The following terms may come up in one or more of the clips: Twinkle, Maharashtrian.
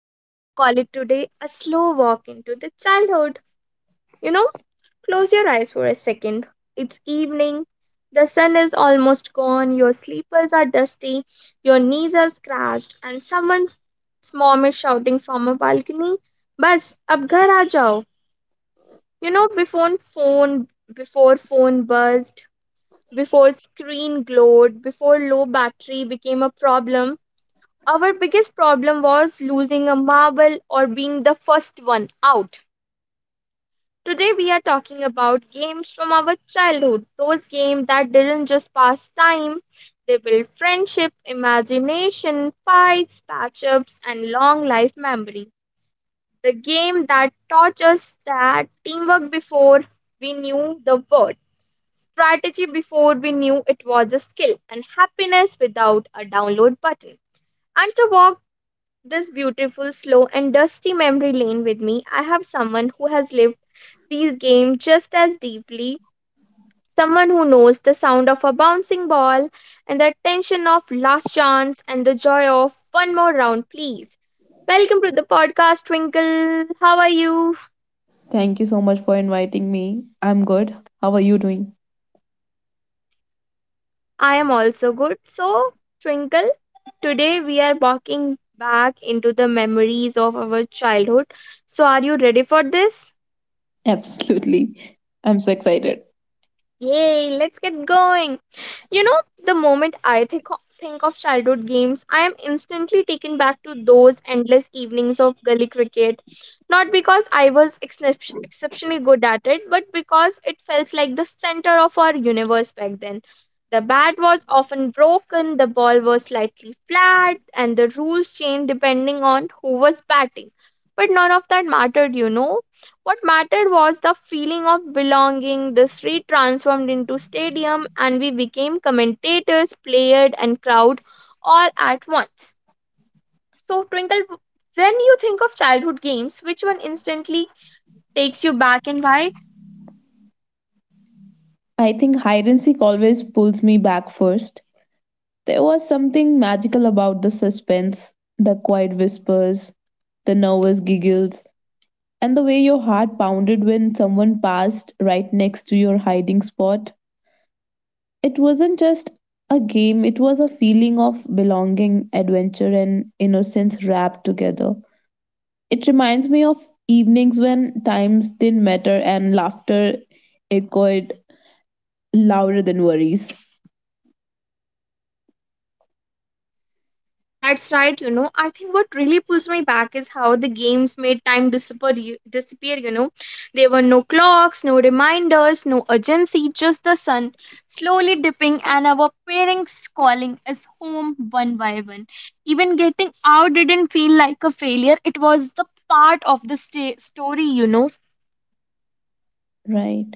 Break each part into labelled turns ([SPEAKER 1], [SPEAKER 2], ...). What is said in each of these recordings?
[SPEAKER 1] I like to call it today, a slow walk into the childhood. You know, close your eyes for a second. It's evening, the sun is almost gone, your sleepers are dusty, your knees are scratched, and someone's mom is shouting from a balcony, Bas, ab ghar aa jao. You know, before phone buzzed, before screen glowed, before low battery became a problem, our biggest problem was losing a marble or being the first one out. Today we are talking about games from our childhood, those games that didn't just pass time, they built friendship, imagination, fights, patch-ups and long life memory. The game that taught us that teamwork before we knew the word, strategy before we knew it was a skill and happiness without a download button. And to walk this beautiful, slow, and dusty memory lane with me, I have someone who has lived these games just as deeply, someone who knows the sound of a bouncing ball and the tension of last chance and the joy of one more round, please. Welcome to the podcast, Twinkle. How are you?
[SPEAKER 2] Thank you so much for inviting me. I'm good. How are you doing?
[SPEAKER 1] I am also good. So, Twinkle, today we are walking back into the memories of our childhood. So, are you ready for this?
[SPEAKER 2] Absolutely. I'm so excited.
[SPEAKER 1] Yay, let's get going. You know, the moment think of childhood games, I am instantly taken back to those endless evenings of gully cricket. Not because I was exceptionally good at it, but because it felt like the center of our universe back then. The bat was often broken, the ball was slightly flat, and the rules changed depending on who was batting. But none of that mattered, you know. What mattered was the feeling of belonging. The street transformed into stadium and we became commentators, player and crowd all at once. So Twinkle, when you think of childhood games, which one instantly takes you back and why?
[SPEAKER 2] I think hide and seek always pulls me back first. There was something magical about the suspense, the quiet whispers, the nervous giggles, and the way your heart pounded when someone passed right next to your hiding spot. It wasn't just a game, it was a feeling of belonging, adventure, and innocence wrapped together. It reminds me of evenings when times didn't matter and laughter echoed louder than worries.
[SPEAKER 1] That's right, you know. I think what really pulls me back is how the games made time disappear, you know. There were no clocks, no reminders, no urgency, just the sun slowly dipping and our parents calling us home one by one. Even getting out didn't feel like a failure, it was the part of the story, you know.
[SPEAKER 2] Right.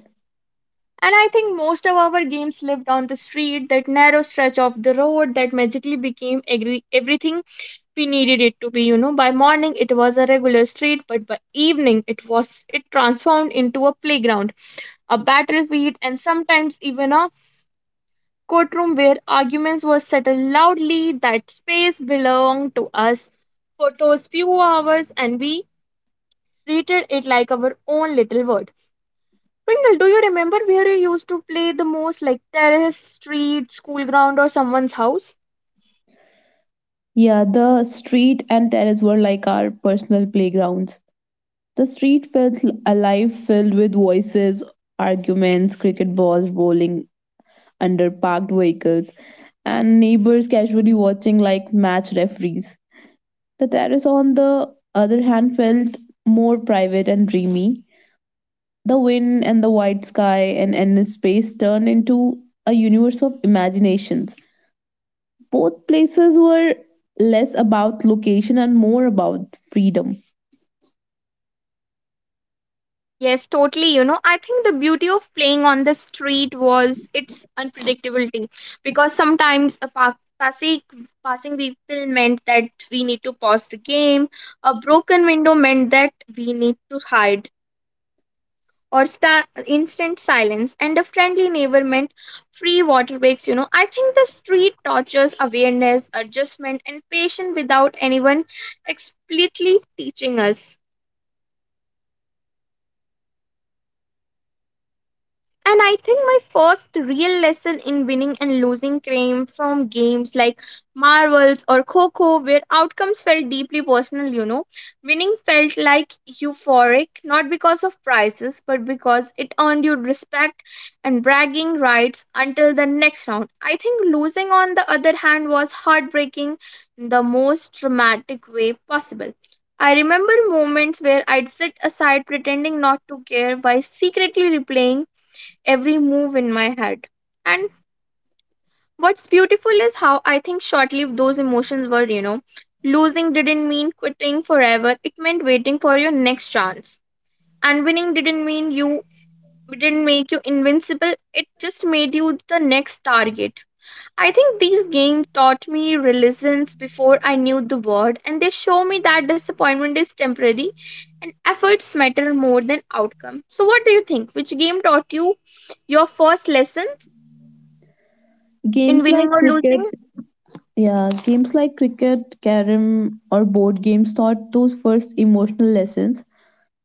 [SPEAKER 1] And I think most of our games lived on the street, that narrow stretch of the road that magically became everything we needed it to be, you know. By morning it was a regular street, but by evening it transformed into a playground, a battlefield, and sometimes even a courtroom where arguments were settled loudly. That space belonged to us for those few hours and we treated it like our own little world. Pringle, do you remember where you used to play the most, like terrace, street, school ground, or someone's house?
[SPEAKER 2] Yeah, the street and terrace were like our personal playgrounds. The street felt alive, filled with voices, arguments, cricket balls rolling under parked vehicles, and neighbors casually watching like match referees. The terrace, on the other hand, felt more private and dreamy. The wind and the white sky and endless space turned into a universe of imaginations. Both places were less about location and more about freedom.
[SPEAKER 1] Yes, totally. You know, I think the beauty of playing on the street was its unpredictability, because sometimes a passing vehicle meant that we need to pause the game, a broken window meant that we need to hide, or instant silence, and a friendly neighbor meant free water breaks. You know, I think the street tortures awareness, adjustment, and patience without anyone explicitly teaching us. And I think my first real lesson in winning and losing came from games like Marvels or Coco, where outcomes felt deeply personal, you know. Winning felt like euphoric, not because of prizes, but because it earned you respect and bragging rights until the next round. I think losing, on the other hand, was heartbreaking in the most dramatic way possible. I remember moments where I'd sit aside pretending not to care while secretly replaying every move in my head. And what's beautiful is how I think short lived those emotions were, you know. Losing didn't mean quitting forever, it meant waiting for your next chance. And winning didn't mean you didn't make you invincible, it just made you the next target. I think these games taught me resilience before I knew the word, and they show me that disappointment is temporary and efforts matter more than outcome. So, what do you think? Which game taught you your first lesson in
[SPEAKER 2] Games
[SPEAKER 1] winning
[SPEAKER 2] like
[SPEAKER 1] or
[SPEAKER 2] cricket,
[SPEAKER 1] losing?
[SPEAKER 2] yeah, games like cricket, carom, or board games taught those first emotional lessons.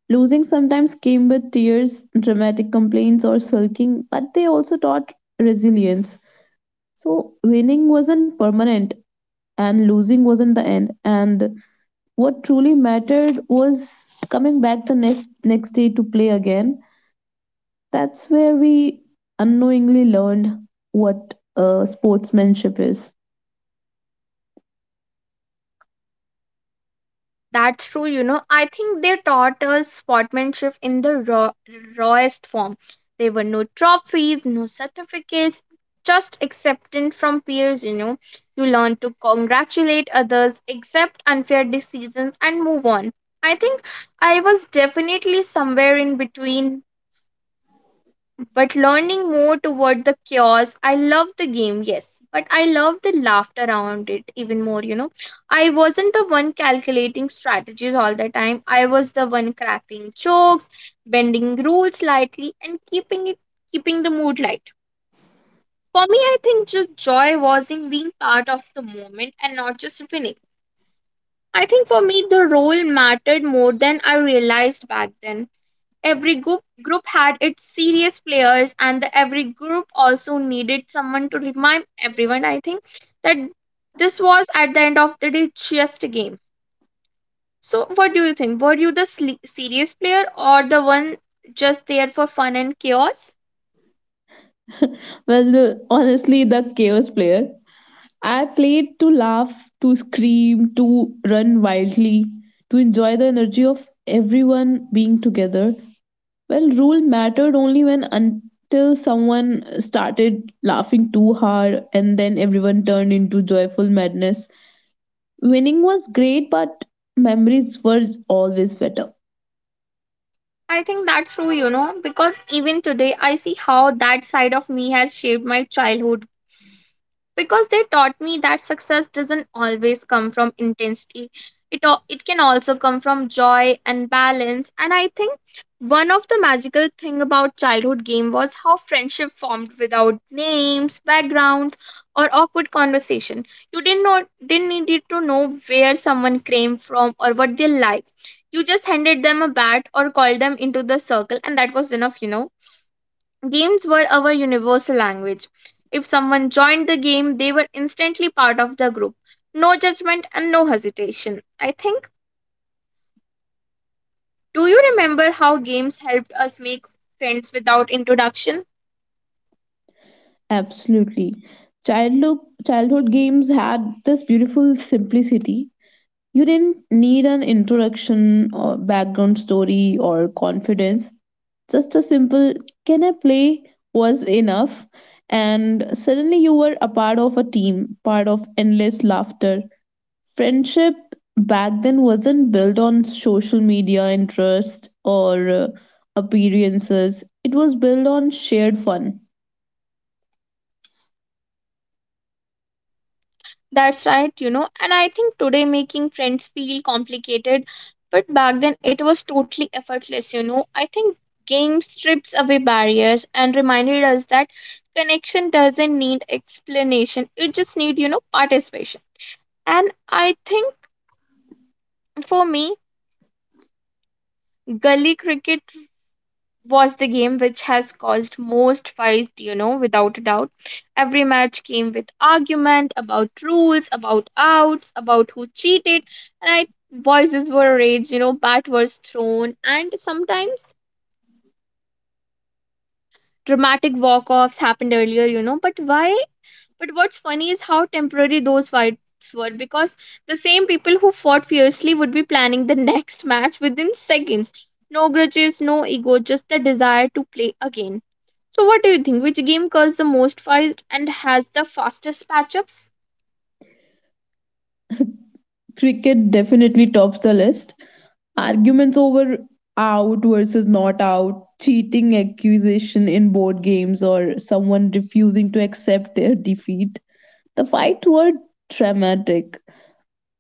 [SPEAKER 2] Losing sometimes came with tears, dramatic complaints, or sulking, but they also taught resilience. So winning wasn't permanent, and losing wasn't the end, and what truly mattered was coming back the next day to play again. That's where we unknowingly learned what sportsmanship is.
[SPEAKER 1] That's true, you know. I think they taught us sportsmanship in the raw, rawest form. There were no trophies, no certificates, just acceptance from peers, you know. You learn to congratulate others, accept unfair decisions, and move on. I think I was definitely somewhere in between but learning more toward the chaos. I love the game, yes, but I love the laughter around it even more, you know. I wasn't the one calculating strategies all the time, I was the one cracking jokes, bending rules slightly, and keeping the mood light. For me, I think just joy was in being part of the moment and not just winning. I think for me, the role mattered more than I realized back then. Every group had its serious players, and every group also needed someone to remind everyone. I think that this was at the end of the day just a game. So, what do you think? Were you the serious player or the one just there for fun and chaos?
[SPEAKER 2] Well, honestly, the chaos player. I played to laugh, to scream, to run wildly, to enjoy the energy of everyone being together. Well, rule mattered only when until someone started laughing too hard, and then everyone turned into joyful madness. Winning was great, but memories were always better.
[SPEAKER 1] I think that's true, you know, because even today I see how that side of me has shaped my childhood because they taught me that success doesn't always come from intensity. It can also come from joy and balance. And I think one of the magical thing about childhood game was how friendship formed without names, backgrounds, or awkward conversation. You didn't needed to know where someone came from or what they like. You just handed them a bat or called them into the circle and that was enough, you know. Games were our universal language. If someone joined the game, they were instantly part of the group. No judgment and no hesitation. I think, do you remember how games helped us make friends without introduction?
[SPEAKER 2] Absolutely. Childhood, childhood games had this beautiful simplicity. You didn't need an introduction or background story or confidence. Just a simple, can I play, was enough. And suddenly you were a part of a team, part of endless laughter, friendship back then wasn't built on social media interest or appearances. It was built on shared fun.
[SPEAKER 1] That's right, you know, and I think today making friends feel complicated, but back then it was totally effortless, you know. I think games strips away barriers and reminded us that connection doesn't need explanation, it just need, you know, participation. And I think For me, gully cricket was the game which has caused most fight, you know, without a doubt. Every match came with argument about rules, about outs, about who cheated, and I voices were raised, you know, bat was thrown, and sometimes dramatic walk-offs happened earlier, you know, but what's funny is how temporary those fights were because the same people who fought fiercely would be planning the next match within seconds. No grudges, no ego, just the desire to play again. So, what do you think? Which game caused the most fights and has the fastest patch-ups?
[SPEAKER 2] Cricket definitely tops the list. Arguments over out versus not out, cheating accusation in board games, or someone refusing to accept their defeat. The fights were dramatic,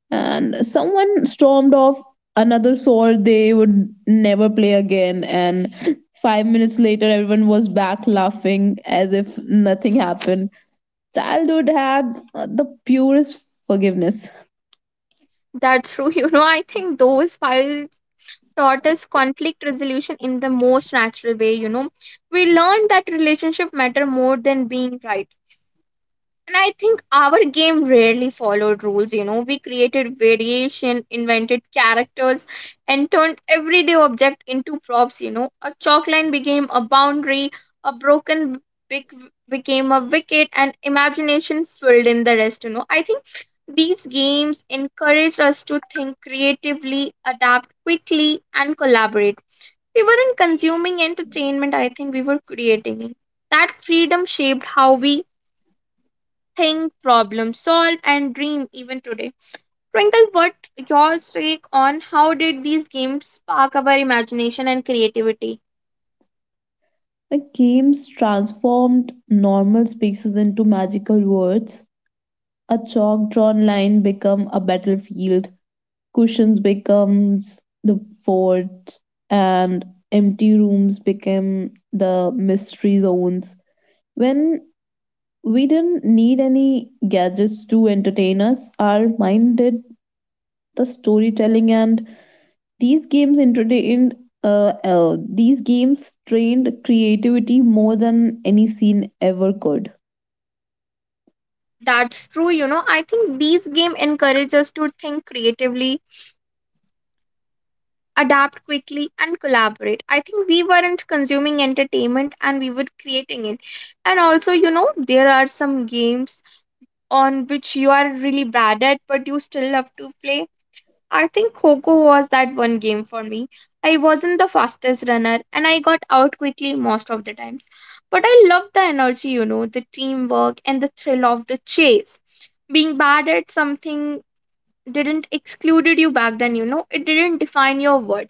[SPEAKER 2] and someone stormed off, another swore they would never play again, and 5 minutes later everyone was back laughing as if nothing happened. Childhood had the purest forgiveness.
[SPEAKER 1] That's true. You know, I think those fights taught us conflict resolution in the most natural way. You know, we learned that relationship matter more than being right. And I think our game rarely followed rules, you know. We created variation, invented characters, and turned everyday object into props, you know. A chalk line became a boundary, a broken wick became a wicket, and imagination filled in the rest, you know. I think these games encouraged us to think creatively, adapt quickly, and collaborate. We weren't consuming entertainment, I think we were creating it. That freedom shaped how we think, problem solve, and dream even today. Twinkle, what your take on how did these games spark our imagination and creativity?
[SPEAKER 2] The games transformed normal spaces into magical words. A chalk drawn line become a battlefield, cushions becomes the fort, and empty rooms became the mystery zones. When we didn't need any gadgets to entertain us, our mind did the storytelling, and these games entertained. These games trained creativity more than any scene ever could.
[SPEAKER 1] That's true, you know. I think these games encourage us to think creatively, adapt quickly, and collaborate. I think we weren't consuming entertainment and we were creating it. And also, you know, there are some games on which you are really bad at, but you still love to play. I think Coco was that one game for me. I wasn't the fastest runner and I got out quickly most of the times. But I loved the energy, you know, the teamwork and the thrill of the chase. Being bad at something didn't excluded you back then, you know, it didn't define your worth.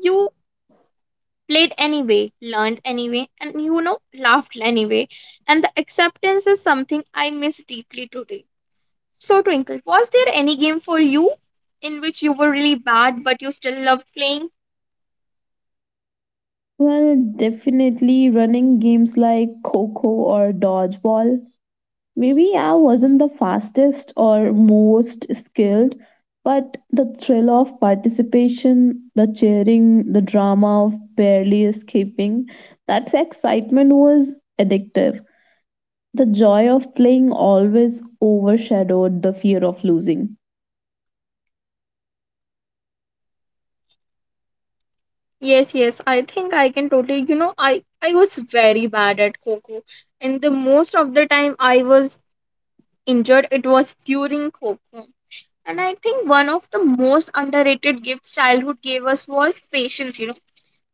[SPEAKER 1] You played anyway, learned anyway, and you know, laughed anyway. And the acceptance is something I miss deeply today. So, Twinkle, was there any game for you in which you were really bad but you still loved playing?
[SPEAKER 2] Well, definitely running games like Coco or Dodgeball. Maybe I wasn't the fastest or most skilled, but the thrill of participation, the cheering, the drama of barely escaping, that excitement was addictive. The joy of playing always overshadowed the fear of losing,
[SPEAKER 1] Yes, yes, I think I can totally, you know, I was very bad at Coco, and the most of the time I was injured, it was during Coco. And I think one of the most underrated gifts childhood gave us was patience, you know.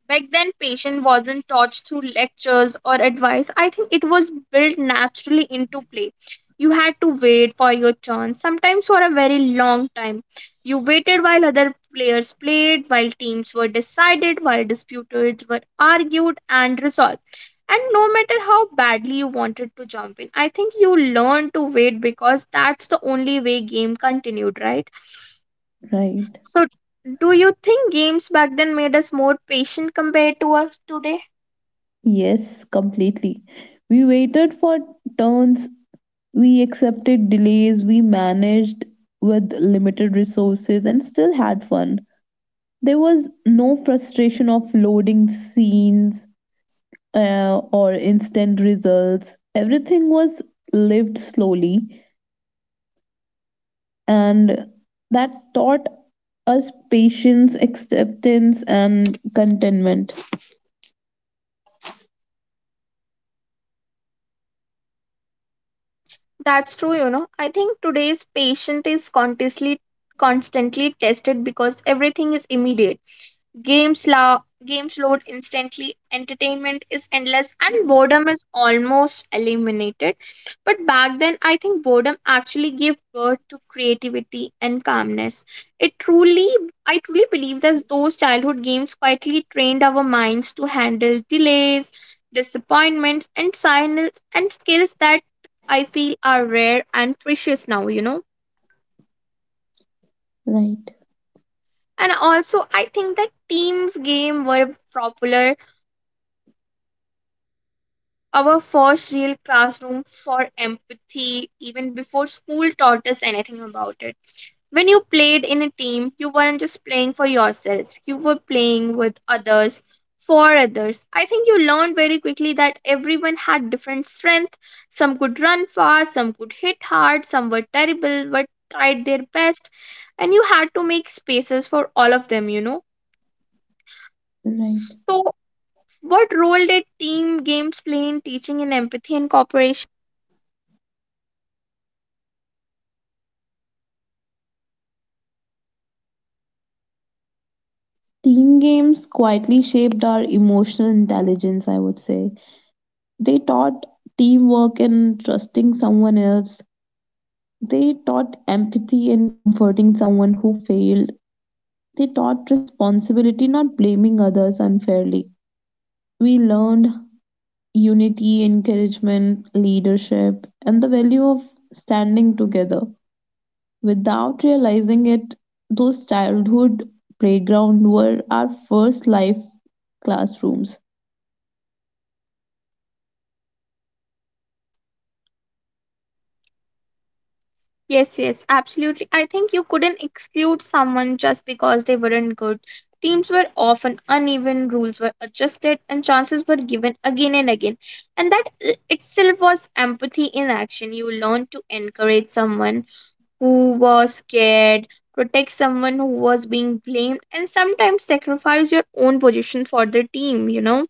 [SPEAKER 1] Back then, patience wasn't taught through lectures or advice. I think it was built naturally into play. You had to wait for your turn, sometimes for a very long time. You waited while other players played, while teams were decided, while disputes were argued and resolved. And no matter how badly you wanted to jump in, I think you learned to wait because that's the only way game continued, right?
[SPEAKER 2] right?
[SPEAKER 1] So do you think games back then made us more patient compared to us today?
[SPEAKER 2] Yes, completely. We waited for turns, we accepted delays, we managed with limited resources and still had fun. There was no frustration of loading scenes or instant results. Everything was lived slowly, and that taught us patience, acceptance, and contentment.
[SPEAKER 1] That's true, you know. I think today's patient is constantly tested because everything is immediate. Games, games load instantly, entertainment is endless, and boredom is almost eliminated. But back then, I think boredom actually gave birth to creativity and calmness. It truly, I truly believe that those childhood games quietly trained our minds to handle delays, disappointments, and silence, and skills that I feel are rare and precious now, you know.
[SPEAKER 2] Right,
[SPEAKER 1] And also, I think that teams game were popular. Our first real classroom for empathy, even before school taught us anything about it. When you played in a team, you weren't just playing for yourself, you were playing with others, for others. I think you learned very quickly that everyone had different strength. Some could run fast, some could hit hard, some were terrible but tried their best, and you had to make spaces for all of them, you know.
[SPEAKER 2] right.
[SPEAKER 1] So, what role did team games play in teaching in empathy and cooperation?
[SPEAKER 2] Team games quietly shaped our emotional intelligence, I would say. They taught teamwork and trusting someone else. They taught empathy and comforting someone who failed. They taught responsibility, not blaming others unfairly. We learned unity, encouragement, leadership, and the value of standing together. Without realizing it, those childhood playgrounds were our first life classrooms.
[SPEAKER 1] Yes, yes, absolutely. I think you couldn't exclude someone just because they weren't good. Teams were often uneven, rules were adjusted, and chances were given again and again. And that itself was empathy in action. You learned to encourage someone who was scared, protect someone who was being blamed, and sometimes sacrifice your own position for the team, you know?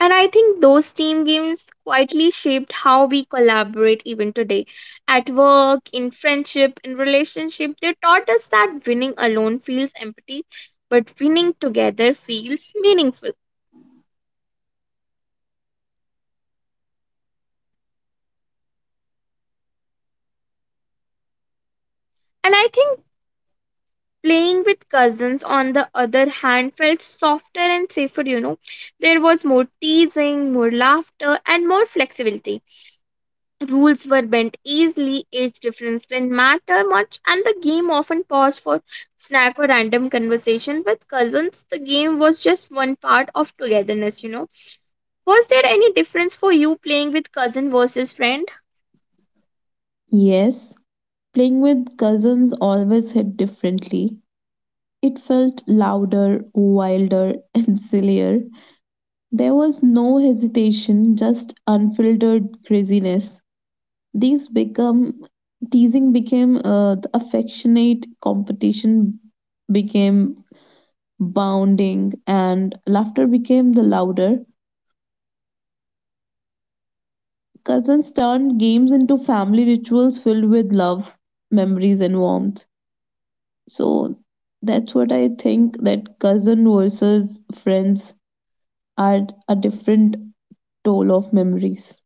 [SPEAKER 1] And I think those team games quietly shaped how we collaborate even today. At work, in friendship, in relationship, they taught us that winning alone feels empty, but winning together feels meaningful. And I think playing with cousins, on the other hand, felt softer and safer, you know. There was more teasing, more laughter, and more flexibility. Rules were bent easily, age difference didn't matter much, and the game often paused for snack or random conversation with cousins. The game was just one part of togetherness, you know. Was there any difference for you playing with cousin versus friend?
[SPEAKER 2] Yes, playing with cousins always hit differently. It felt louder, wilder, and sillier. There was no hesitation, just unfiltered craziness. These become Teasing became the affectionate competition, became bounding, and laughter became the louder. Cousins turned games into family rituals filled with love, memories, and warmth. So that's what I think, that cousin versus friends are a different toll of memories.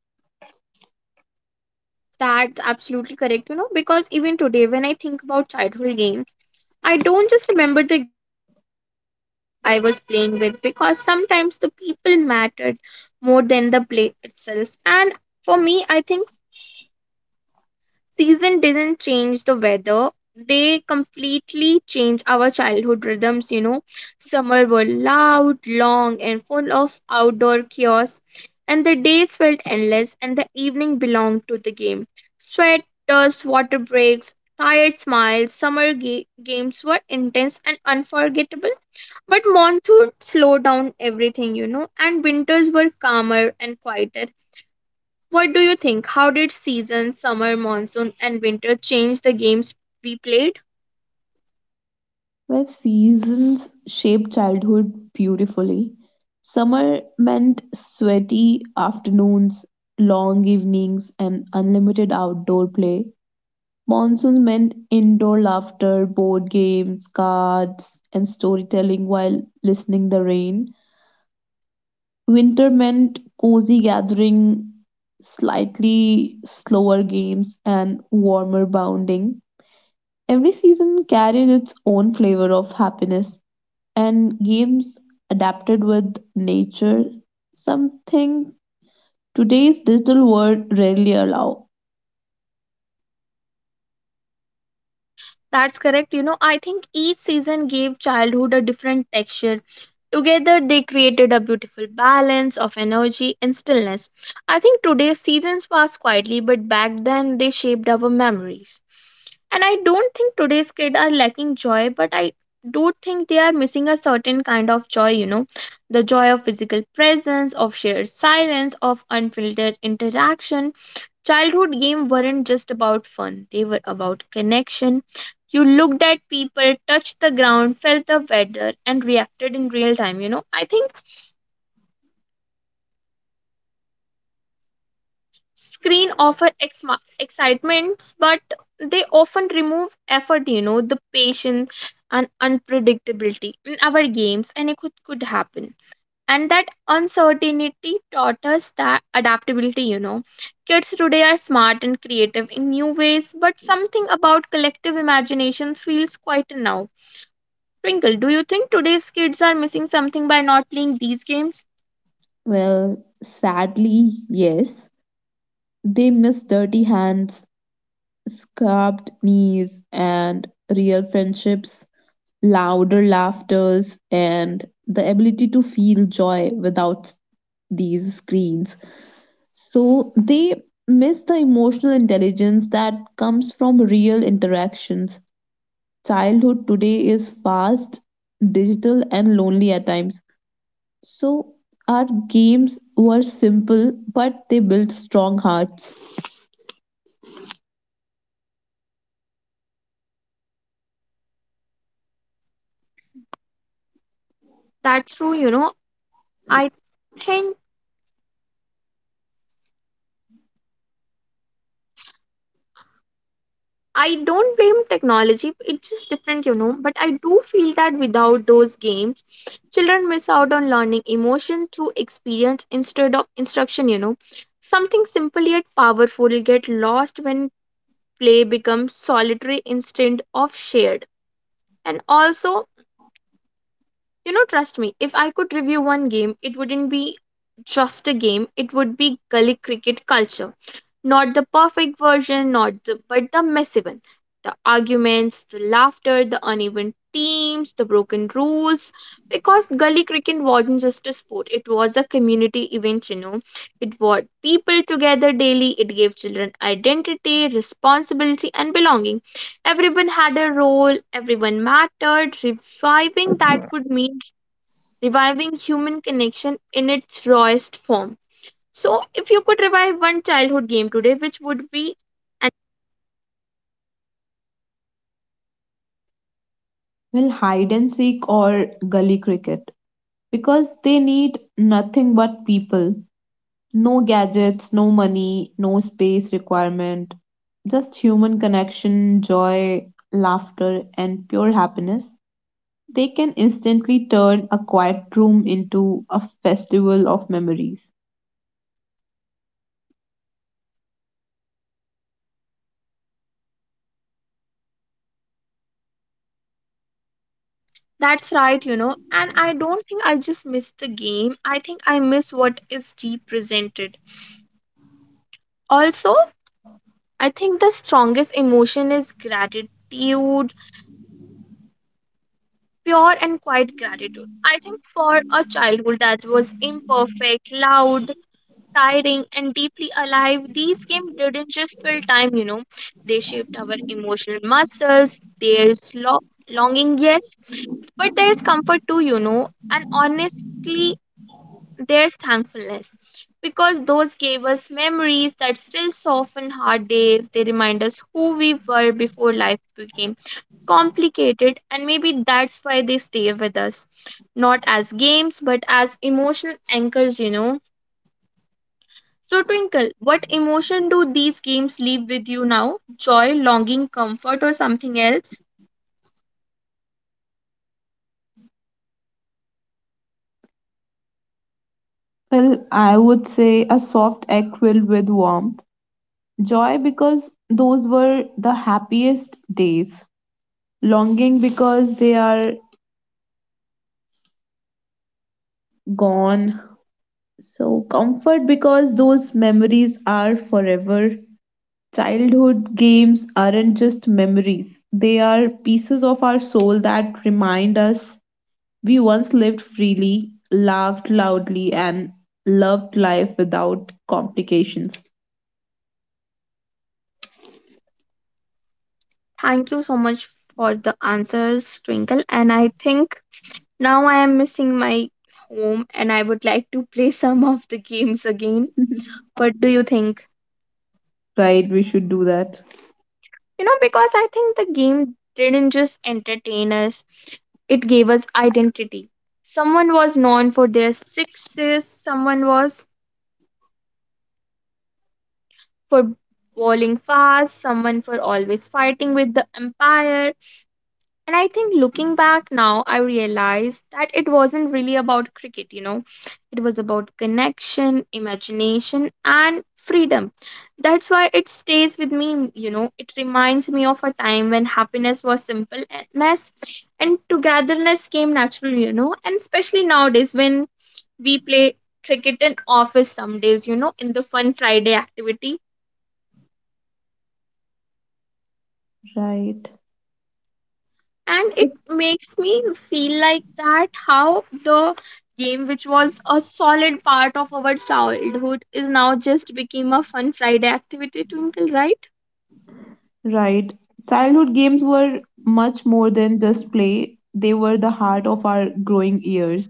[SPEAKER 1] That's absolutely correct, you know, because even today, when I think about childhood games, I don't just remember the games, you know, I remember who I was playing with because sometimes the people mattered more than the play itself. And for me, I think season didn't change the weather. They completely change our childhood rhythms, you know. Summer were loud, long, and full of outdoor chaos, and the days felt endless, and the evening belonged to the game. Sweat, dust, water breaks, tired smiles, summer games were intense and unforgettable. But monsoon slowed down everything, you know, and winters were calmer and quieter. What do you think? How did season, summer, monsoon, and winter change the games we played?
[SPEAKER 2] Where seasons shape childhood beautifully. Summer meant sweaty afternoons, long evenings, and unlimited outdoor play. Monsoons meant indoor laughter, board games, cards, and storytelling while listening the rain. Winter meant cozy gathering, slightly slower games, and warmer bounding. Every season carried its own flavor of happiness, and games adapted with nature, something today's digital world rarely allow.
[SPEAKER 1] That's correct. You know, I think each season gave childhood a different texture. Together, they created a beautiful balance of energy and stillness. I think today's seasons pass quietly, but back then they shaped our memories. And I don't think today's kids are lacking joy, but I do think they are missing a certain kind of joy, you know, the joy of physical presence, of shared silence, of unfiltered interaction. Childhood games weren't just about fun, they were about connection. You looked at people, touched the ground, felt the weather, and reacted in real time. You know, I think screen offer excitements, but they often remove effort, you know, the patience and unpredictability. In our games, anything could happen. And that uncertainty taught us that adaptability, you know. Kids today are smart and creative in new ways, but something about collective imagination feels quieter now. Twinkle, do you think today's kids are missing something by not playing these games?
[SPEAKER 2] Well, sadly, yes, they miss dirty hands, scarred knees, and real friendships, louder laughters, and the ability to feel joy without these screens. So they miss the emotional intelligence that comes from real interactions. Childhood today is fast, digital, and lonely at times. So, our games were simple, but they built strong hearts.
[SPEAKER 1] That's true, you know I Think I don't blame technology, it's just different, you know. But I do feel that without those games, children miss out on learning emotion through experience instead of instruction, you know. Something simple yet powerful get lost when play becomes solitary instead of shared. And also, you know, trust me, if I could review one game, it wouldn't be just a game, it would be gully cricket culture, not the perfect version, not the but the messy one. The arguments, the laughter, the uneven teams, the broken rules. Because gully cricket wasn't just a sport, it was a community event, you know. It brought people together daily, it gave children identity, responsibility, and belonging. Everyone had a role, everyone mattered. Reviving that would mean reviving human connection in its rawest form. So, if you could revive one childhood game today, which would be
[SPEAKER 2] Well, hide and seek or gully cricket, because they need nothing but people. No gadgets, no money, no space requirement, just human connection, joy, laughter, and pure happiness. They can instantly turn a quiet room into a festival of memories.
[SPEAKER 1] that's right, you know. And I don't think I just miss the game. I think I miss what is represented. Also, I think the strongest emotion is gratitude, pure and quiet gratitude. I think for a childhood that was imperfect, loud, tiring, and deeply alive, these games didn't just fill time, you know. They shaped our emotional muscles, their longing, yes. But there's comfort too, you know, and honestly, there's thankfulness because those gave us memories that still soften hard days. They remind us who we were before life became complicated, and maybe that's why they stay with us, not as games but as emotional anchors, you know. So, Twinkle, what emotion do these games leave with you now? Joy, longing, comfort, or something else?
[SPEAKER 2] Well, I would say a soft egg filled with warmth. Joy because those were the happiest days. Longing because they are gone. So, comfort because those memories are forever. Childhood games aren't just memories, they are pieces of our soul that remind us we once lived freely, laughed loudly, and loved life without complications.
[SPEAKER 1] Thank you so much for the answers, Twinkle. And I think now I am missing my home and I would like to play some of the games again. What do you think?
[SPEAKER 2] Right? We should do that.
[SPEAKER 1] You know, because I think the game didn't just entertain us, it gave us identity. Someone was known for their sixes, someone was for bowling fast, someone for always fighting with the empire. And I think looking back now, I realized that it wasn't really about cricket, you know. It was about connection, imagination, and freedom. That's why it stays with me, you know. It reminds me of a time when happiness was simpleness and togetherness came naturally, you know. And especially nowadays when we play cricket in office some days, you know, in the fun Friday activity,
[SPEAKER 2] Right,
[SPEAKER 1] and it makes me feel like that how the game which was a solid part of our childhood is now just became a fun Friday activity, Twinkle, right?
[SPEAKER 2] right. Childhood games were much more than just play, they were the heart of our growing years.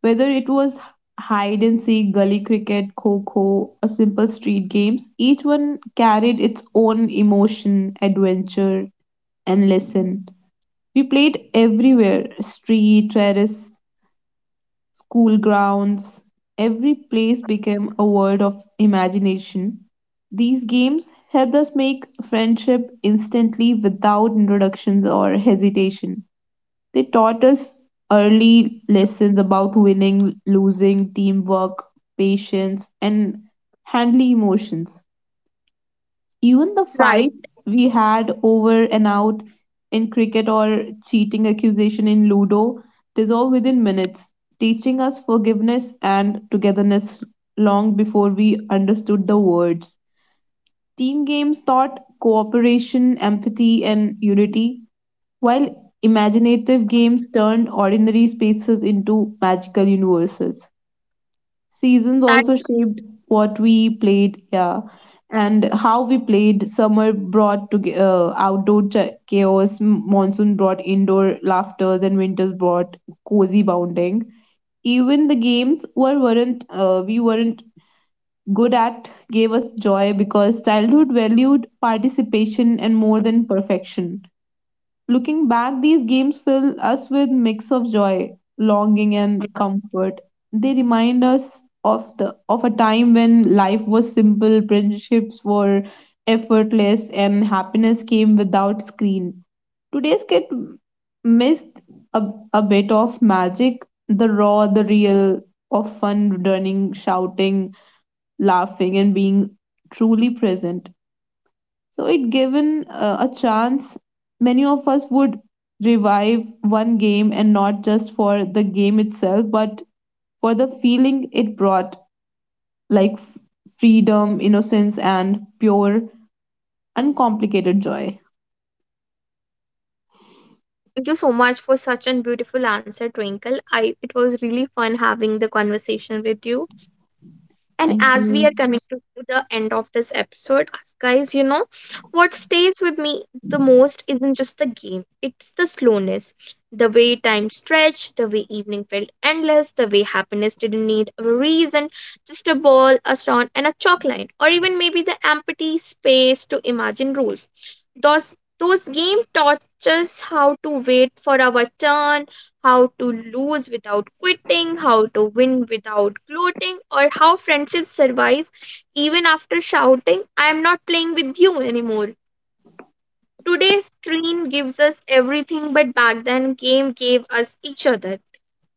[SPEAKER 2] Whether it was hide and seek, gully cricket, kho kho, or simple street games, each one carried its own emotion, adventure, and lesson. We played everywhere street, terrace, school grounds, every place became a world of imagination. These games helped us make friendship instantly without introductions or hesitation. They taught us early lessons about winning, losing, teamwork, patience, and handling emotions. Even the
[SPEAKER 1] Right.
[SPEAKER 2] fights we had over and out in cricket or cheating accusation in Ludo dissolved within minutes, teaching us forgiveness and togetherness long before we understood the words. Team games taught cooperation, empathy, and unity, while imaginative games turned ordinary spaces into magical universes. Seasons also
[SPEAKER 1] That's
[SPEAKER 2] shaped what we played, yeah, and how we played. Summer brought to outdoor chaos, monsoon brought indoor laughters, and winters brought cozy bounding. Even the games were weren't we weren't good at gave us joy, because childhood valued participation and more than perfection. Looking back, these games fill us with mix of joy, longing, and comfort. They remind us of the of a time when life was simple, friendships were effortless, and happiness came without screen. Today's kid missed a, a bit of magic, the raw, the real of fun running, shouting, laughing, and being truly present. So, it given a chance, many of us would revive one game, and not just for the game itself, but for the feeling it brought, like freedom, innocence, and pure, uncomplicated joy.
[SPEAKER 1] Thank you so much for such a beautiful answer, Twinkle. I it was really fun having the conversation with you. And
[SPEAKER 2] Thank
[SPEAKER 1] as we are
[SPEAKER 2] you.
[SPEAKER 1] coming to the end of this episode, guys, you know, what stays with me the most isn't just the game, it's the slowness. The way time stretched, the way evening felt endless, the way happiness didn't need a reason, just a ball, a stone, and a chalk line, or even maybe the empty space to imagine rules. Those game taught us how to wait for our turn, how to lose without quitting, how to win without gloating, or how friendship survives even after shouting, I am not playing with you anymore. Today's screen gives us everything, but back then, game gave us each other.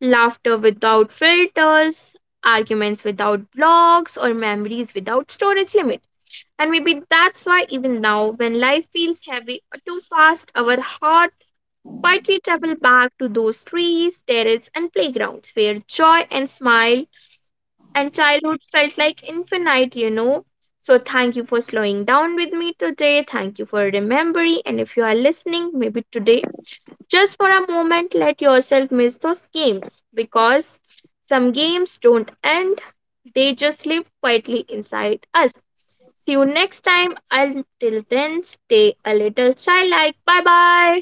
[SPEAKER 1] Laughter without filters, arguments without blocks, or memories without storage limit. And maybe that's why even now, when life feels heavy or too fast, our heart quietly travel back to those trees, terraces, and playgrounds where joy and smile and childhood felt like infinite, you know. So, thank you for slowing down with me today. Thank you for remembering. And if you are listening, maybe today, just for a moment, let yourself miss those games because some games don't end, they just live quietly inside us. See you next time. Until then, stay a little childlike. Bye bye.